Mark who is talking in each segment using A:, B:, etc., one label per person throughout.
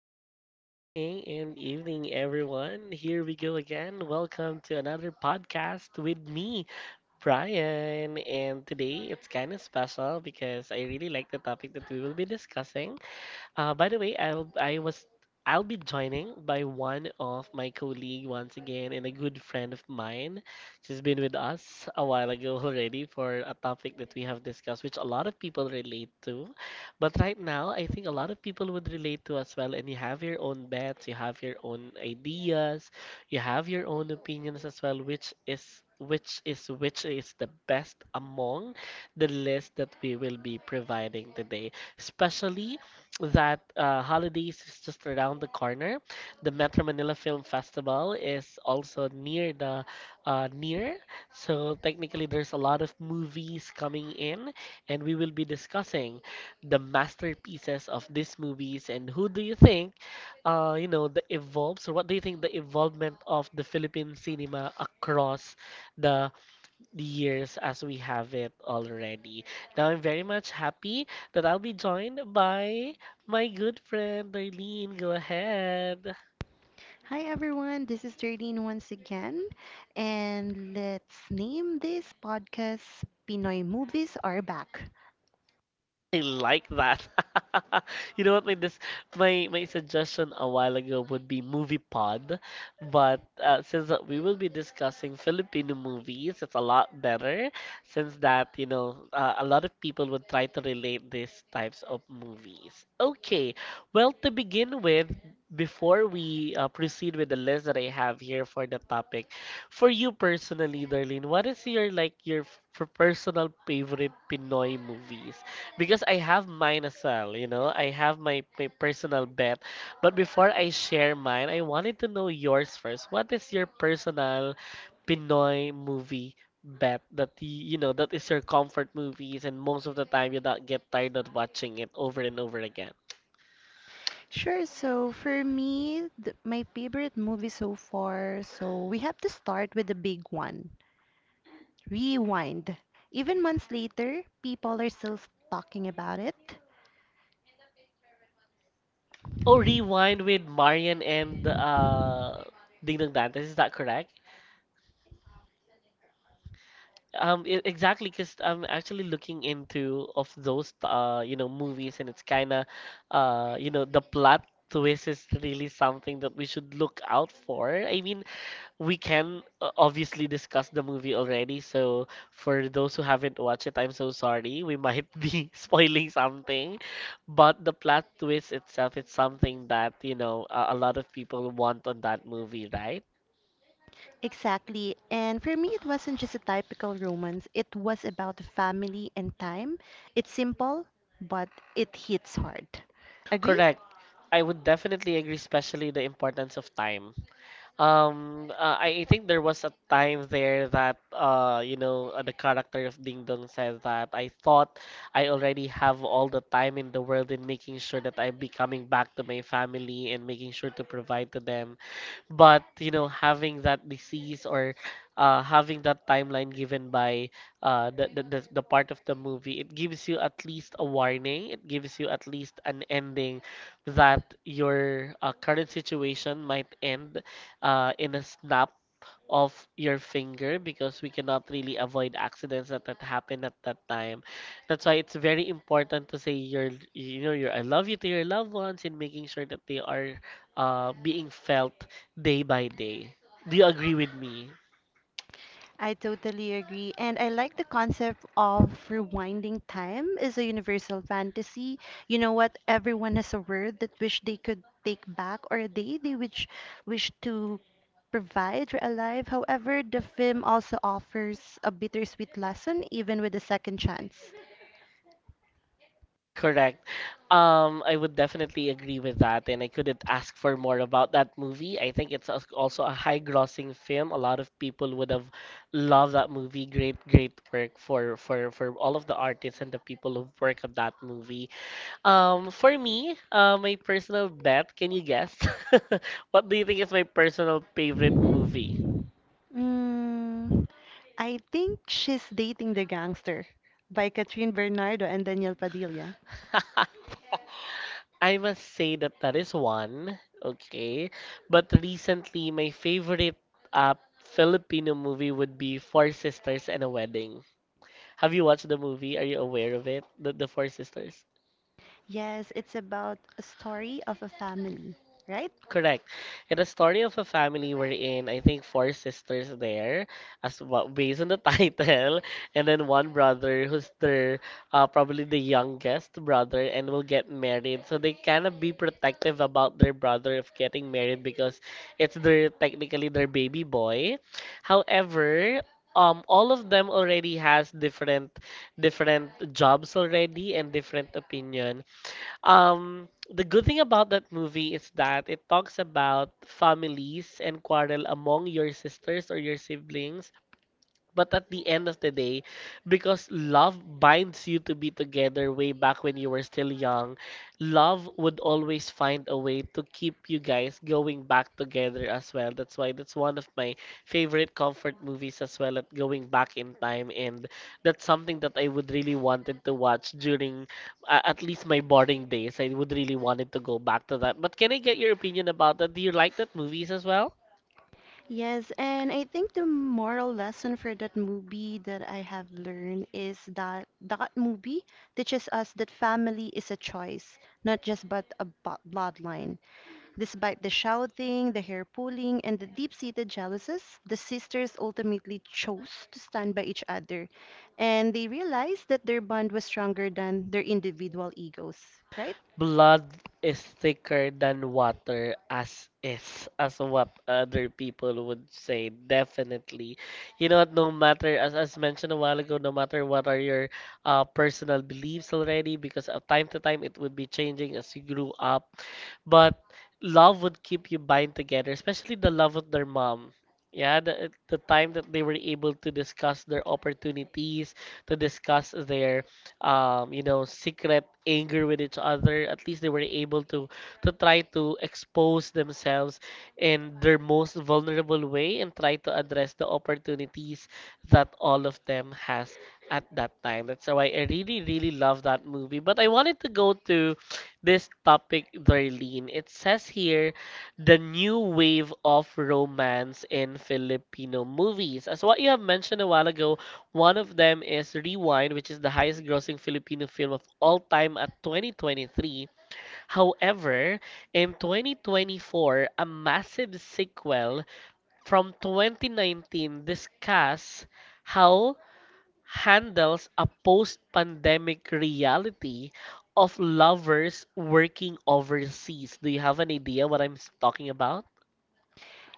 A: afternoon, morning, and evening, everyone. Here we go again. Welcome to another podcast with me, Brian. And today it's kind of special because I really like the topic that we will be discussing. By the way, I'll I was I'll be joining by one of my colleague once again and a good friend of mine. She's been with us a while ago already for a topic that we have discussed, which a lot of people relate to. But right now, I think a lot of people would relate to as well. And you have your own bets, you have your own ideas, you have your own opinions as well, which is the best among the list that we will be providing today, especially that holidays is just around the corner. The Metro Manila Film Festival is also near the near, so technically there's a lot of movies coming in, and we will be discussing the masterpieces of these movies and who do you think, the evolves or what do you think the evolvement of the Philippine cinema across the years as we have it already. Now I'm very much happy that I'll be joined by my good friend Darlene. Go ahead.
B: Hi everyone, this is Jardine once again, and let's name this podcast Pinoy Movies Are Back.
A: I like that. You know what, my suggestion a while ago would be Movie Pod, but since that we will be discussing Filipino movies, it's a lot better since that, you know, a lot of people would try to relate these types of movies. Okay. Well, to begin with, before we proceed with the list that I have here for the topic, for you personally, Darlene, what is your like your personal favorite Pinoy movies? Because I have mine as well, you know, I have my personal bet. But before I share mine, I wanted to know yours first. What is your personal Pinoy movie bet that the, you know, that is your comfort movies and most of the time you don't get tired of watching it over and over again?
B: Sure, so for me, my favorite movie so far, so we have to start with the big one Rewind. Even months later, people are still talking about it.
A: Oh, Rewind with Marian and Ding Dong Dantes, is that correct? Exactly, because I'm actually looking into of those you know, movies, and it's kind of you know, the plot twist is really something that we should look out for. I mean, we can obviously discuss the movie already, so for those who haven't watched it, I'm so sorry. We might be spoiling something, but the plot twist itself is something that, you know, a lot of people want on that movie, right?
B: Exactly, and for me, it wasn't just a typical romance, it was about family and time. It's simple, but it hits hard. Agree?
A: Correct. I would definitely agree, especially the importance of time. I think there was a time there that the character of Ding Dong said that I thought I already have all the time in the world in making sure that I'm becoming back to my family and making sure to provide to them. But you know, having that disease or having that timeline given by the part of the movie, it gives you at least a warning. It gives you at least an ending that your current situation might end in a snap of your finger because we cannot really avoid accidents that happen at that time. That's why it's very important to say your you know your I love you to your loved ones and making sure that they are being felt day by day. Do you agree with me?
B: I totally agree. And I like the concept of rewinding time is a universal fantasy. You know what? Everyone has a word that wish they could take back or a day they wish to provide for alive. However, the film also offers a bittersweet lesson even with a second chance.
A: Correct. I would definitely agree with that, and I couldn't ask for more about that movie. I think also a high-grossing film. A lot of people would have loved that movie. Great, great work for all of the artists and the people who work on that movie. For me, my personal bet, can you guess? What do you think is my personal favorite movie?
B: Mm, I think she's dating the gangster by Catherine Bernardo and Daniel Padilla.
A: I must say that that is one, okay. But recently, my favorite Filipino movie would be Four Sisters and a Wedding. Have you watched the movie? Are you aware of it? The Four Sisters?
B: Yes, it's about a story of a family, right?
A: Correct. In the story of a family we're in. I think four sisters there, as well, based on the title, and then one brother who's their probably the youngest brother and will get married. So they kind of be protective about their brother of getting married because it's their technically their baby boy. However, all of them already has different jobs already and different opinion. The good thing about that movie is that it talks about families and quarrel among your sisters or your siblings, but at the end of the day, because love binds you to be together way back when you were still young, love would always find a way to keep you guys going back together as well. That's why that's one of my favorite comfort movies as well at going back in time, and that's something that I would really wanted to watch during at least my boarding days. I would really wanted to go back to that. But can I get your opinion about that? Do you like that movies as well?
B: Yes, and I think the moral lesson for that movie that I have learned is that that movie teaches us that family is a choice, not just but a bloodline. Despite the shouting, the hair pulling, and the deep-seated jealousies, the sisters ultimately chose to stand by each other, and they realized that their bond was stronger than their individual egos, right?
A: Blood is thicker than water as is as what other people would say. Definitely, you know what, no matter as mentioned a while ago, no matter what are your personal beliefs already, because of time to time it would be changing as you grew up, but love would keep you bind together, especially the love of their mom. Yeah, the time that they were able to discuss their opportunities, to discuss their secret anger with each other. At least they were able to try to expose themselves in their most vulnerable way and try to address the opportunities that all of them has at that time. That's why I really, really love that movie. But I wanted to go to this topic, Darlene. It says here the new wave of romance in Filipino movies. As what you have mentioned a while ago, one of them is Rewind, which is the highest grossing Filipino film of all time at 2023. However, in 2024, a massive sequel from 2019 discuss how handles a post-pandemic reality of lovers working overseas. Do you have an idea what talking about?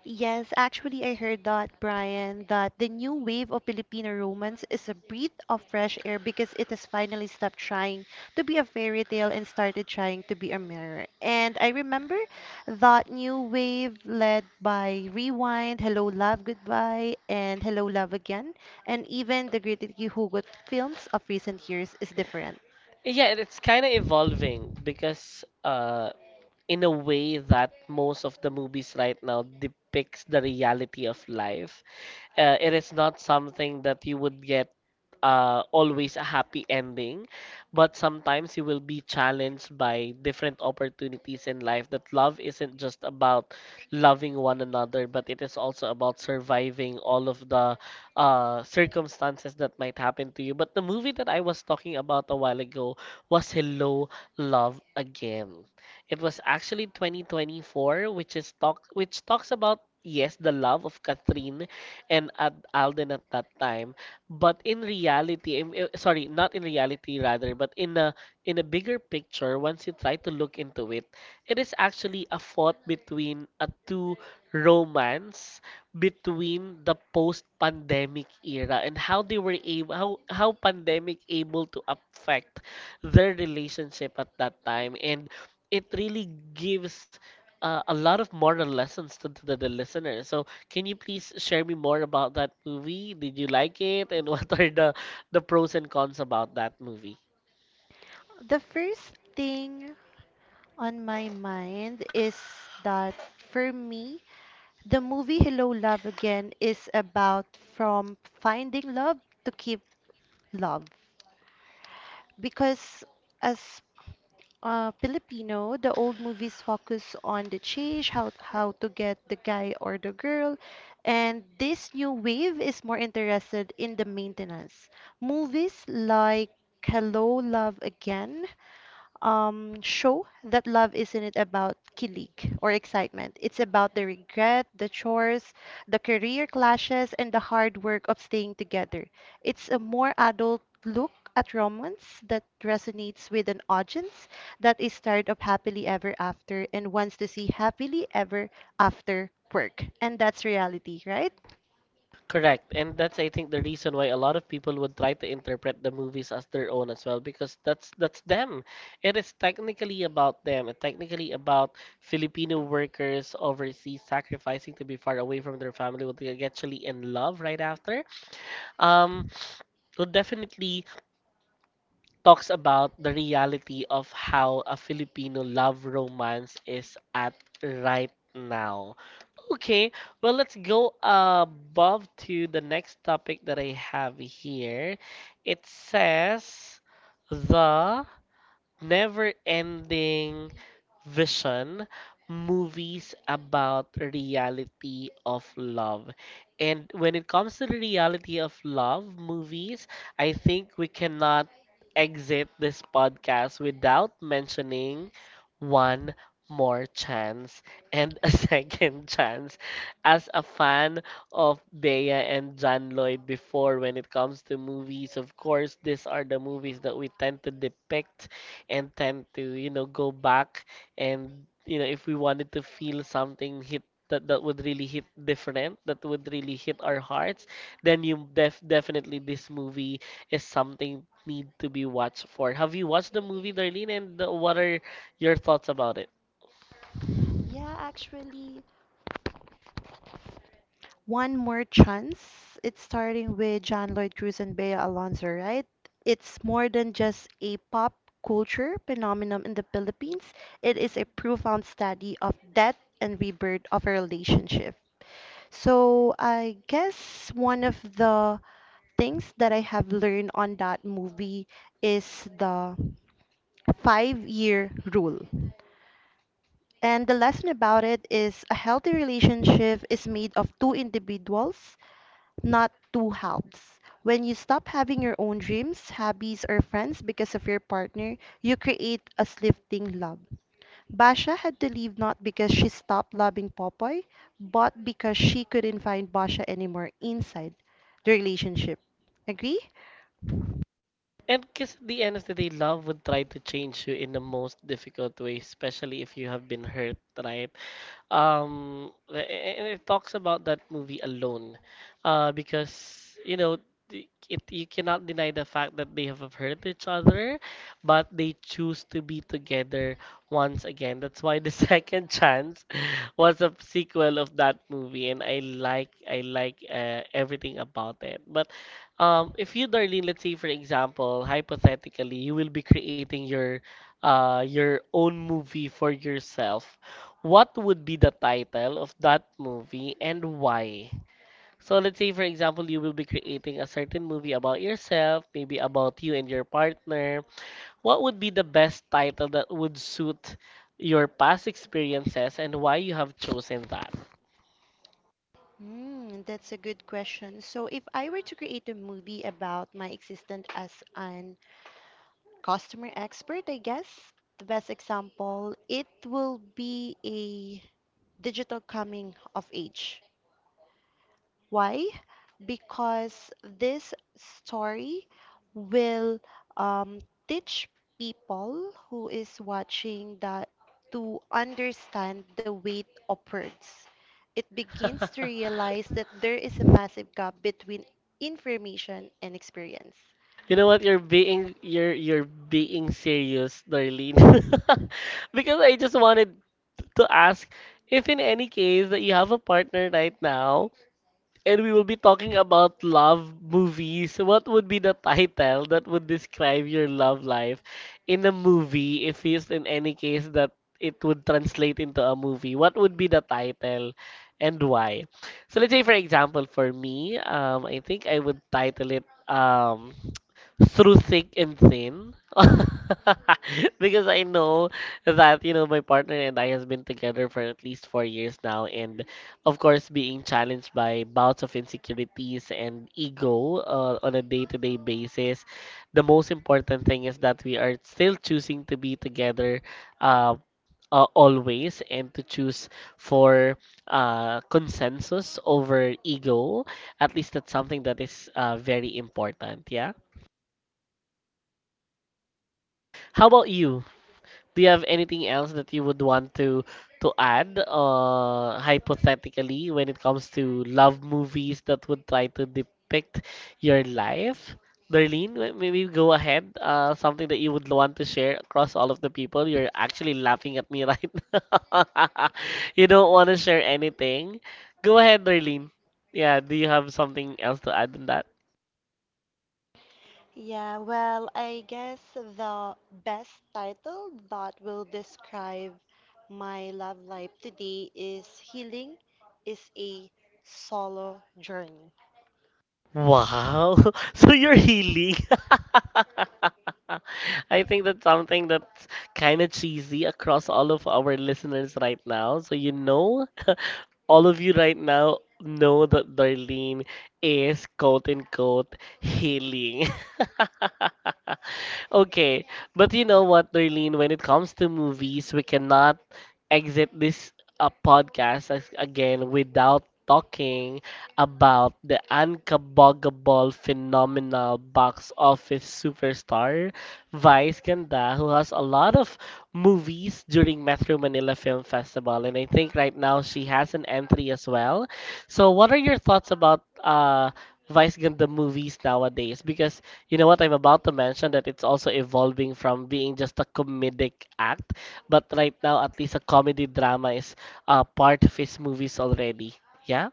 B: Yes, actually, I heard that, Brian, that the new wave of Filipino romance is a breath of fresh air because it has finally stopped trying to be a fairy tale and started trying to be a mirror. And I remember that new wave led by Rewind, Hello Love Goodbye, and Hello Love Again, and even the Great Hugot films of recent years is different.
A: Yeah, and it's kind of evolving because in a way that most of the movies right now depicts the reality of life. It is not something that you would get always a happy ending, but sometimes you will be challenged by different opportunities in life. That love isn't just about loving one another, but it is also about surviving all of the circumstances that might happen to you. But the movie that I was talking about a while ago was Hello, Love Again. It was actually 2024, which talks about yes the love of Catherine and Ad Alden at that time, but in reality, sorry, not in reality rather, but in a bigger picture, once you try to look into it, it is actually a fought between a two romance between the post-pandemic era and how they were able how pandemic able to affect their relationship at that time, and it really gives a lot of moral lessons to the listener. So can you please share me more about that movie? Did you like it? And what are the pros and cons about that movie?
B: The first thing on my mind is that for me, the movie Hello Love Again is about from finding love to keep love. Because as Filipino, the old movies focus on the change, how to get the guy or the girl, and this new wave is more interested in the maintenance. Movies like Hello Love Again show that love isn't about kilig or excitement. It's about the regret, the chores, the career clashes, and the hard work of staying together. It's a more adult look at romance that resonates with an audience that is tired of happily ever after and wants to see happily ever after work. And that's reality, right?
A: Correct. And that's I think the reason why a lot of people would try to interpret the movies as their own as well, because that's them. It is technically about them. It's technically about Filipino workers overseas sacrificing to be far away from their family, would they actually in love right after. Um, would definitely talks about the reality of how a Filipino love romance is at right now. Okay, well, let's go above to the next topic that I have here. It says the never ending vision movies about reality of love, and when it comes to the reality of love movies, I think we cannot exit this podcast without mentioning one more chance and a second chance. As a fan of Bea and John Lloyd before, when it comes to movies, of course, these are the movies that we tend to depict and tend to, you know, go back and, you know, if we wanted to feel something hit. That would really hit different, that would really hit our hearts, then you definitely this movie is something need to be watched for. Have you watched the movie, Darlene, and what are your thoughts about it?
B: Yeah, actually. One more chance. It's starting with John Lloyd Cruz and Bea Alonzo, right? It's more than just a pop culture phenomenon in the Philippines. It is a profound study of death and rebirth of a relationship. So I guess one of the things that I have learned on that movie is the five-year rule. And the lesson about it is a healthy relationship is made of two individuals not two halves. When you stop having your own dreams, hobbies, or friends because of your partner, you create a slifting love. Basha had to leave not because she stopped loving Popoy, but because she couldn't find Basha anymore inside the relationship. Agree?
A: And because at the end of the day, love would try to change you in the most difficult way, especially if you have been hurt, right? Um, and it talks about that movie alone, because you cannot deny the fact that they have hurt each other, but they choose to be together once again. That's why the second chance was a sequel of that movie, and I like everything about it. But if you, Darlene, let's say for example, hypothetically, you will be creating your own movie for yourself, what would be the title of that movie and why? So let's say, for example, you will be creating a certain movie about yourself, maybe about you and your partner. What would be the best title that would suit your past experiences and why you have chosen that?
B: Mm, that's a good question. So, if I were to create a movie about my existence as an customer expert, I guess. The best example, it will be a digital coming of age. Why? Because this story will um, teach people who is watching that to understand the weight of words. It begins to realize that there is a massive gap between information and experience.
A: You know what? You're being serious, Darlene. Because I just wanted to ask if in any case that you have a partner right now and we will be talking about love movies. What would be the title that would describe your love life in a movie if it's in any case that it would translate into a movie? What would be the title and why? So let's say for example for me, I think I would title it through thick and thin because I know that you know my partner and I has been together for at least 4 years now, and of course being challenged by bouts of insecurities and ego on a day-to-day basis. The most important thing is that we are still choosing to be together. Uh, Always and to choose for consensus over ego, at least that's something that is very important, yeah. How about you? Do you have anything else that you would want to add, hypothetically, when it comes to love movies that would try to depict your life? Darlene, maybe go ahead. Something that you would want to share across all of the people. You're actually laughing at me right now. You don't want to share anything. Go ahead, Darlene. Yeah, do you have something else to add on?
B: Yeah, well, I guess the best title that will describe my love life today is Healing is a Solo Journey.
A: Wow. So you're healing. I think that's something that's kind of cheesy across all of our listeners right now. So you know, all of you right now know that Darlene is, quote unquote, healing. Okay, but you know what, Darlene, when it comes to movies, we cannot exit this podcast, as, again, without talking about the unkaboggable phenomenal box office superstar, Vice Ganda, who has a lot of movies during Metro Manila Film Festival, and I think right now she has an entry as well. So, what are your thoughts about Vice Ganda movies nowadays? Because you know what? I'm about to mention that it's also evolving from being just a comedic act, but right now, at least a comedy drama is part of his movies already. Yeah?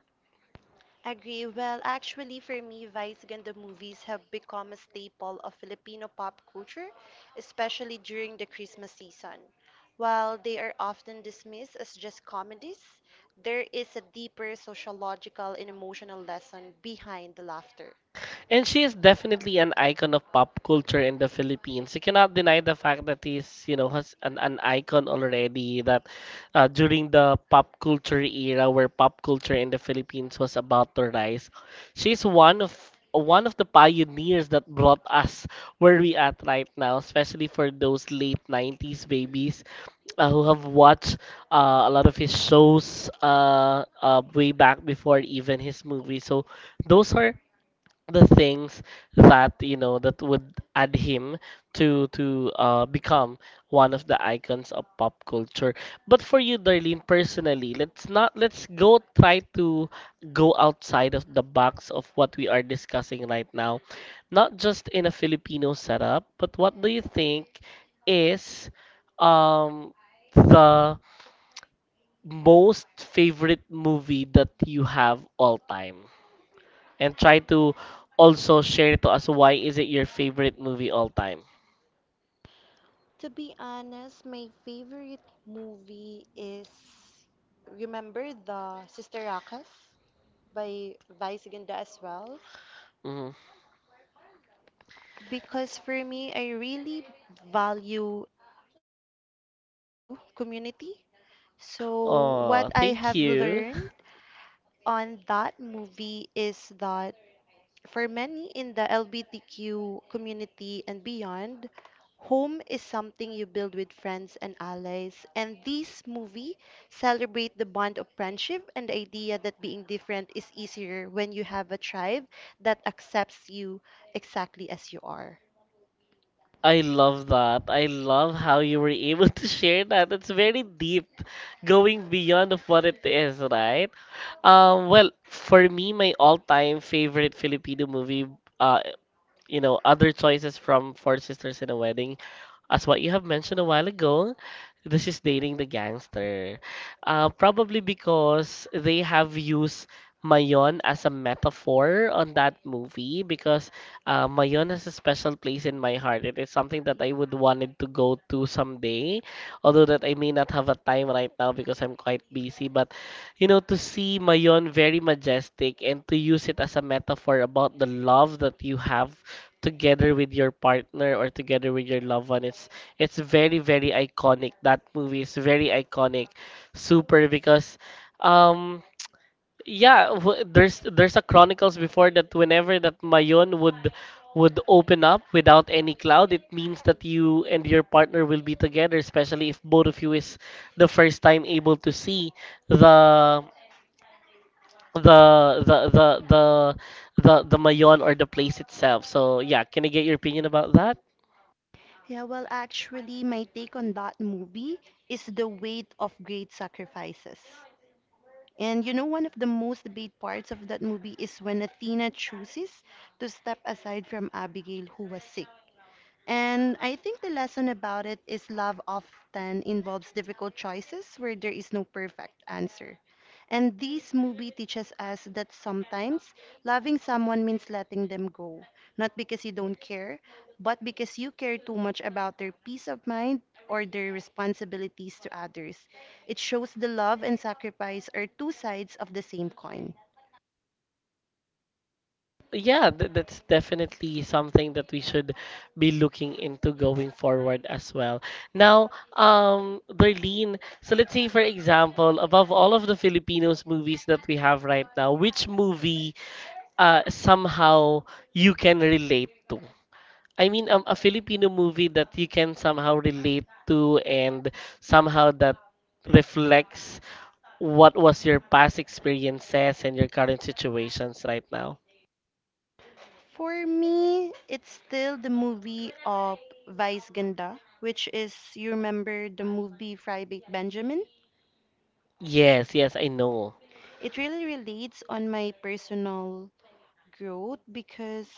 B: Agree. Well, actually, for me, Vice Ganda movies have become a staple of Filipino pop culture, especially during the Christmas season. While they are often dismissed as just comedies, there is a deeper sociological and emotional lesson behind the laughter.
A: And she is definitely an icon of pop culture in the Philippines. You cannot deny the fact that he's, you know, has an icon already. That during the pop culture era, where pop culture in the Philippines was about to rise, she's one of the pioneers that brought us where we at right now, especially for those late 90s babies who have watched a lot of his shows way back before even his movie. So those are the things that you know that would add him to become one of the icons of pop culture. But for you, Darlene, personally, let's not let's go try to go outside of the box of what we are discussing right now, not just in a Filipino setup, but what do you think is um the most favorite movie that you have all time? And try to also share to us why is it your favorite movie all time.
B: To be honest, my favorite movie is remember the Sister Rakas by Vice Ganda as well.
A: Hmm.
B: Because for me, I really value LGBTQ community. So
A: Oh,
B: what I
A: thank
B: have
A: you.
B: learned on that movie is that for many in the LBTQ community and beyond, home is something you build with friends and allies. And this movie celebrate the bond of friendship and the idea that being different is easier when you have a tribe that accepts you exactly as you are.
A: I love that. I love how you were able to share that. It's very deep, going beyond of what it is, right? Well, for me, my all-time favorite Filipino movie, uh, you know, other choices from Four Sisters in a Wedding. As what you have mentioned a while ago, this is dating the gangster. Probably because they have used Mayon as a metaphor on that movie, because Mayon has a special place in my heart. It is something that I would wanted to go to someday, although that I may not have a time right now because I'm quite busy. But you know, to see Mayon very majestic and to use it as a metaphor about the love that you have together with your partner or together with your loved one, it's very very iconic. That movie is very iconic, super, because um yeah, there's a chronicles before that, whenever that Mayon would open up without any cloud, it means that you and your partner will be together, especially if both of you is the first time able to see the the the the the the Mayon or the place itself. So yeah, can I get your opinion about that?
B: Yeah, well, actually, my take on that movie is the weight of great sacrifices. And you know, one of the most debated parts of that movie is when Athena chooses to step aside from Abigail, who was sick. And I think the lesson about it is love often involves difficult choices where there is no perfect answer. And this movie teaches us that sometimes loving someone means letting them go, not because you don't care, but because you care too much about their peace of mind or their responsibilities to others. It shows the love and sacrifice are two sides of the same coin.
A: Yeah, that's definitely something that we should be looking into going forward as well. Now, Darlene, so let's say, for example, above all of the Filipinos movies that we have right now, which movie somehow you can relate to? I mean, a Filipino movie that you can somehow relate to and somehow that reflects what was your past experiences and your current situations right now.
B: For me, it's still the movie of Vice Ganda, which is, you remember the movie Private Benjamin?
A: Yes, yes, I know.
B: It really relates on my personal growth because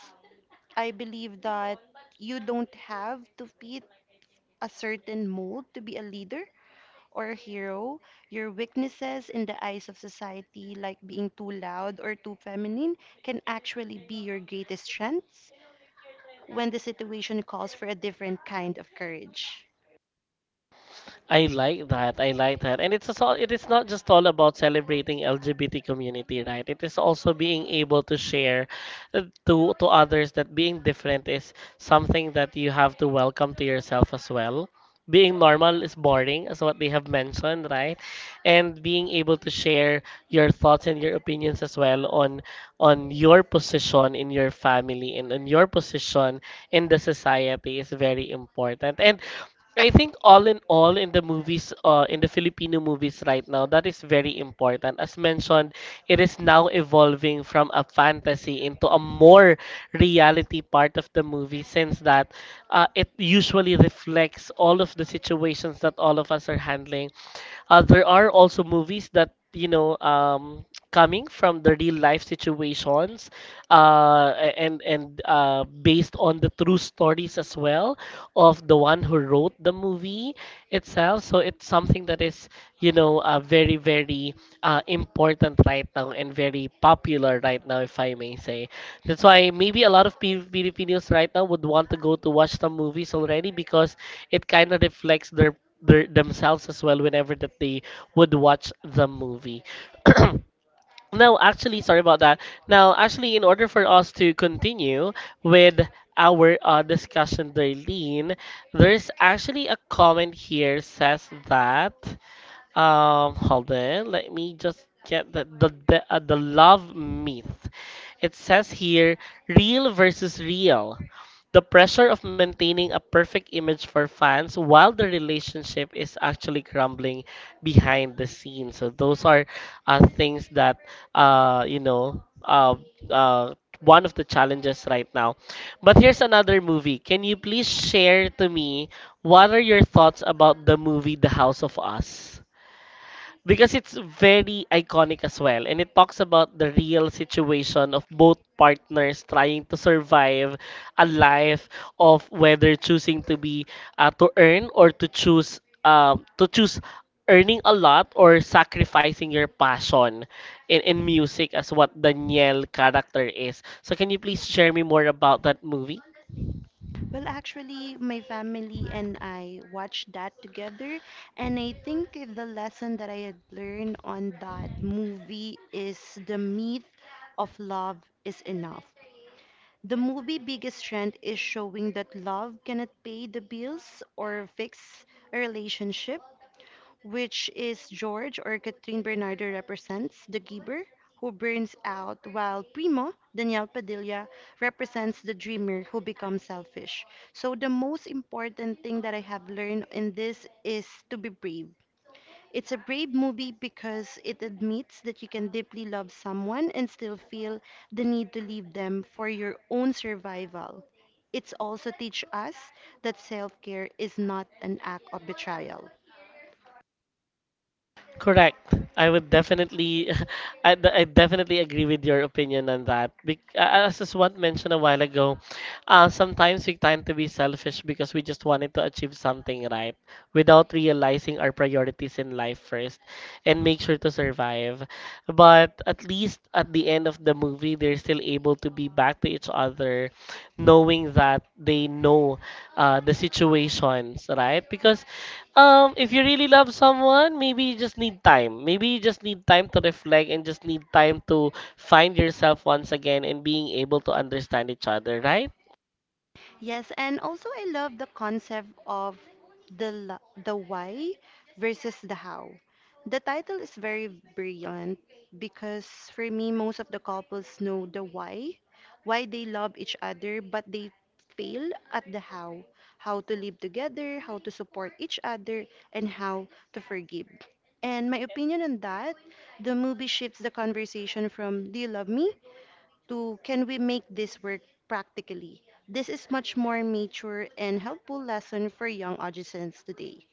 B: I believe that you don't have to fit a certain mold to be a leader or a hero. Your weaknesses in the eyes of society, like being too loud or too feminine, can actually be your greatest strengths when the situation calls for a different kind of courage.
A: I like that. I like that. And it's all, it is not just all about celebrating LGBT community, right? It is also being able to share to others that being different is something that you have to welcome to yourself as well. Being normal is boring, is what they have mentioned, right? And being able to share your thoughts and your opinions as well on your position in your family and on your position in the society is very important. And I think all in the movies, in the Filipino movies right now, that is very important. As mentioned, it is now evolving from a fantasy into a more reality part of the movie since that it usually reflects all of the situations that all of us are handling. There are also movies that you know, coming from the real life situations, and based on the true stories as well of the one who wrote the movie itself. So it's something that is you know very important right now and very popular right now, if I may say. That's why maybe a lot of Filipinos right now would want to go to watch the movies already, because it kind of reflects their themselves as well whenever that they would watch the movie. Now, actually, sorry about that. Now, actually, in order for us to continue with our discussion, Darlene, there's actually a comment here says that. Hold on. Let me just get the love myth. It says here, real versus real. The pressure of maintaining a perfect image for fans while the relationship is actually crumbling behind the scenes. So those are things that you know, uh, one of the challenges right now. But here's another movie. Can you please share to me what are your thoughts about the movie The House of Us? Because it's very iconic as well and it talks about the real situation of both partners trying to survive a life of whether choosing to be to earn or to choose earning a lot or sacrificing your passion in music as what Danielle character is. So can you please share me more about that movie?
B: Well, actually, my family and I watched that together, and I think the lesson that I had learned on that movie is the myth of love is enough. The movie biggest strength is showing that love cannot pay the bills or fix a relationship, which is George or Catherine Bernardo represents the giver who burns out, while Primo, Daniel Padilla, represents the dreamer who becomes selfish. So, the most important thing that I have learned in this is to be brave. It's a brave movie because it admits that you can deeply love someone and still feel the need to leave them for your own survival. It's also teach us that self-care is not an act of betrayal.
A: Correct. I would definitely, I definitely agree with your opinion on that. As what mentioned a while ago, sometimes we tend to be selfish because we just wanted to achieve something, right? Without realizing our priorities in life first, and make sure to survive. But at least at the end of the movie, they're still able to be back to each other, knowing that they know the situations, right? Because if you really love someone, maybe you just need time. Maybe you just need time to reflect and just need time to find yourself once again and being able to understand each other, right?
B: Yes, and also I love the concept of the why versus the how. The title is very brilliant because for me most of the couples know the why they love each other but they fail at the how to live together, how to support each other and how to forgive. And my opinion on that, the movie shifts the conversation from do you love me to can we make this work practically? This is much more mature and helpful lesson for young audiences today.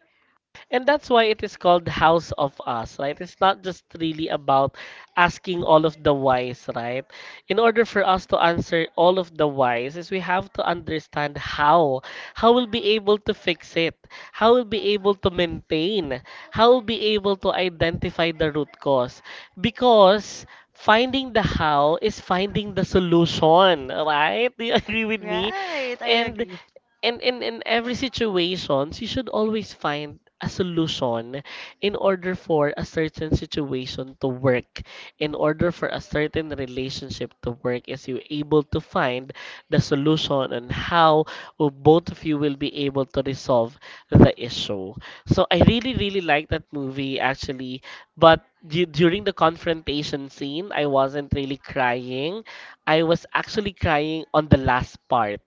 A: And that's why it is called House of Us, right? It's not just really about asking all of the whys, right? In order for us to answer all of the whys, is we have to understand how. How we'll be able to fix it. How we'll be able to maintain. How we'll be able to identify the root cause. Because finding the how is finding the solution, right? Do you agree with me?
B: Right, I
A: And
B: agree.
A: and in every situations, you should always find a solution in order for a certain situation to work, in order for a certain relationship to work, is you able to find the solution and how will both of you will be able to resolve the issue. So I really, really like that movie actually, but during the confrontation scene, I wasn't really crying. I was actually crying on the last part.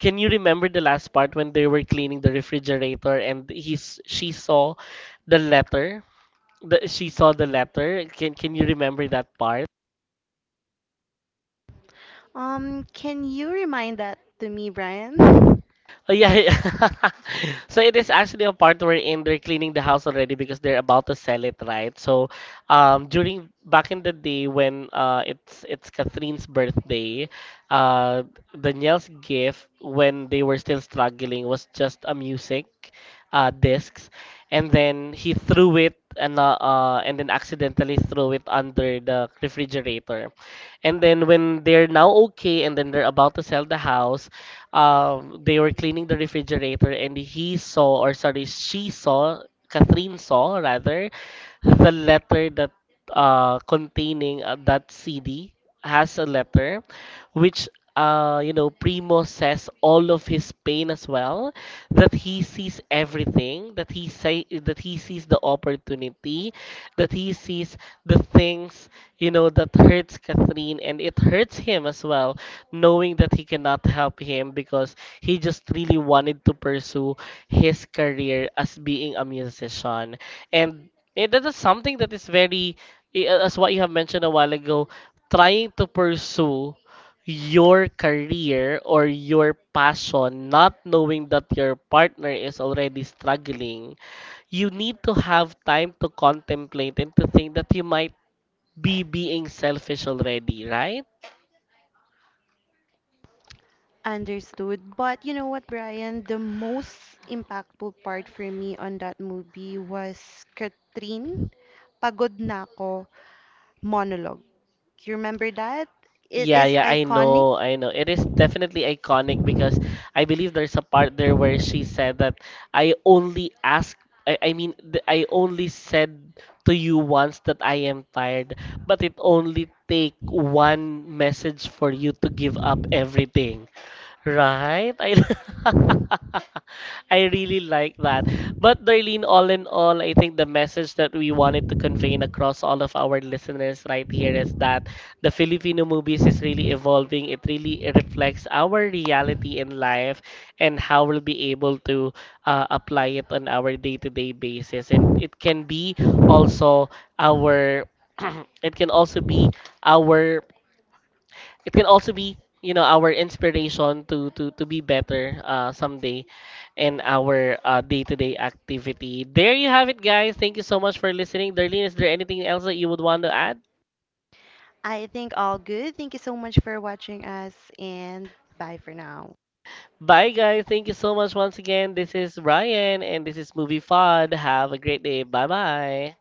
A: Can you remember the last part when they were cleaning the refrigerator and he's she saw the letter? She saw the letter. Can you remember that part?
B: Can you remind that to me, Brian?
A: Oh, yeah, yeah. So it is actually a part wherein they're cleaning the house already because they're about to sell it, right? So during back in the day when it's Catherine's birthday, uh, Danielle's gift when they were still struggling was just a music discs, and then he threw it and then accidentally threw it under the refrigerator, and then when they're now okay and then they're about to sell the house, they were cleaning the refrigerator and he saw, or sorry, she saw, Catherine saw rather, the letter that containing that CD has a letter which, you know, Primo says all of his pain as well, that he sees everything, that he say that he sees the opportunity, that he sees the things, you know, that hurts Catherine and it hurts him as well, knowing that he cannot help him because he just really wanted to pursue his career as being a musician. And that is something that is very, as what you have mentioned a while ago, trying to pursue your career or your passion, not knowing that your partner is already struggling, you need to have time to contemplate and to think that you might be being selfish already, right?
B: Understood. But you know what, Brian? The most impactful part for me on that movie was Katrin. Pagod na ako monologue. You remember that? It
A: Yeah,
B: is
A: yeah, I
B: iconic.
A: know, I know. It is definitely iconic because I believe there's a part there where she said that I only ask, I only said to you once that I am tired, but it only take one message for you to give up everything. Right? I, I really like that. But Darlene, all in all, I think the message that we wanted to convey across all of our listeners right here is that the Filipino movies is really evolving. It really reflects our reality in life and how we'll be able to apply it on our day-to-day basis. And it can be also our, it can also be our it can also be, you know, our inspiration to to be better someday in our day-to-day activity. There you have it, guys. Thank you so much for listening. Darlene, is there anything else that you would want to add?
B: I think all good. Thank you so much for watching us and bye for now.
A: Bye, guys. Thank you so much once again. This is Ryan and this is Movie Fod. Have a great day. Bye bye.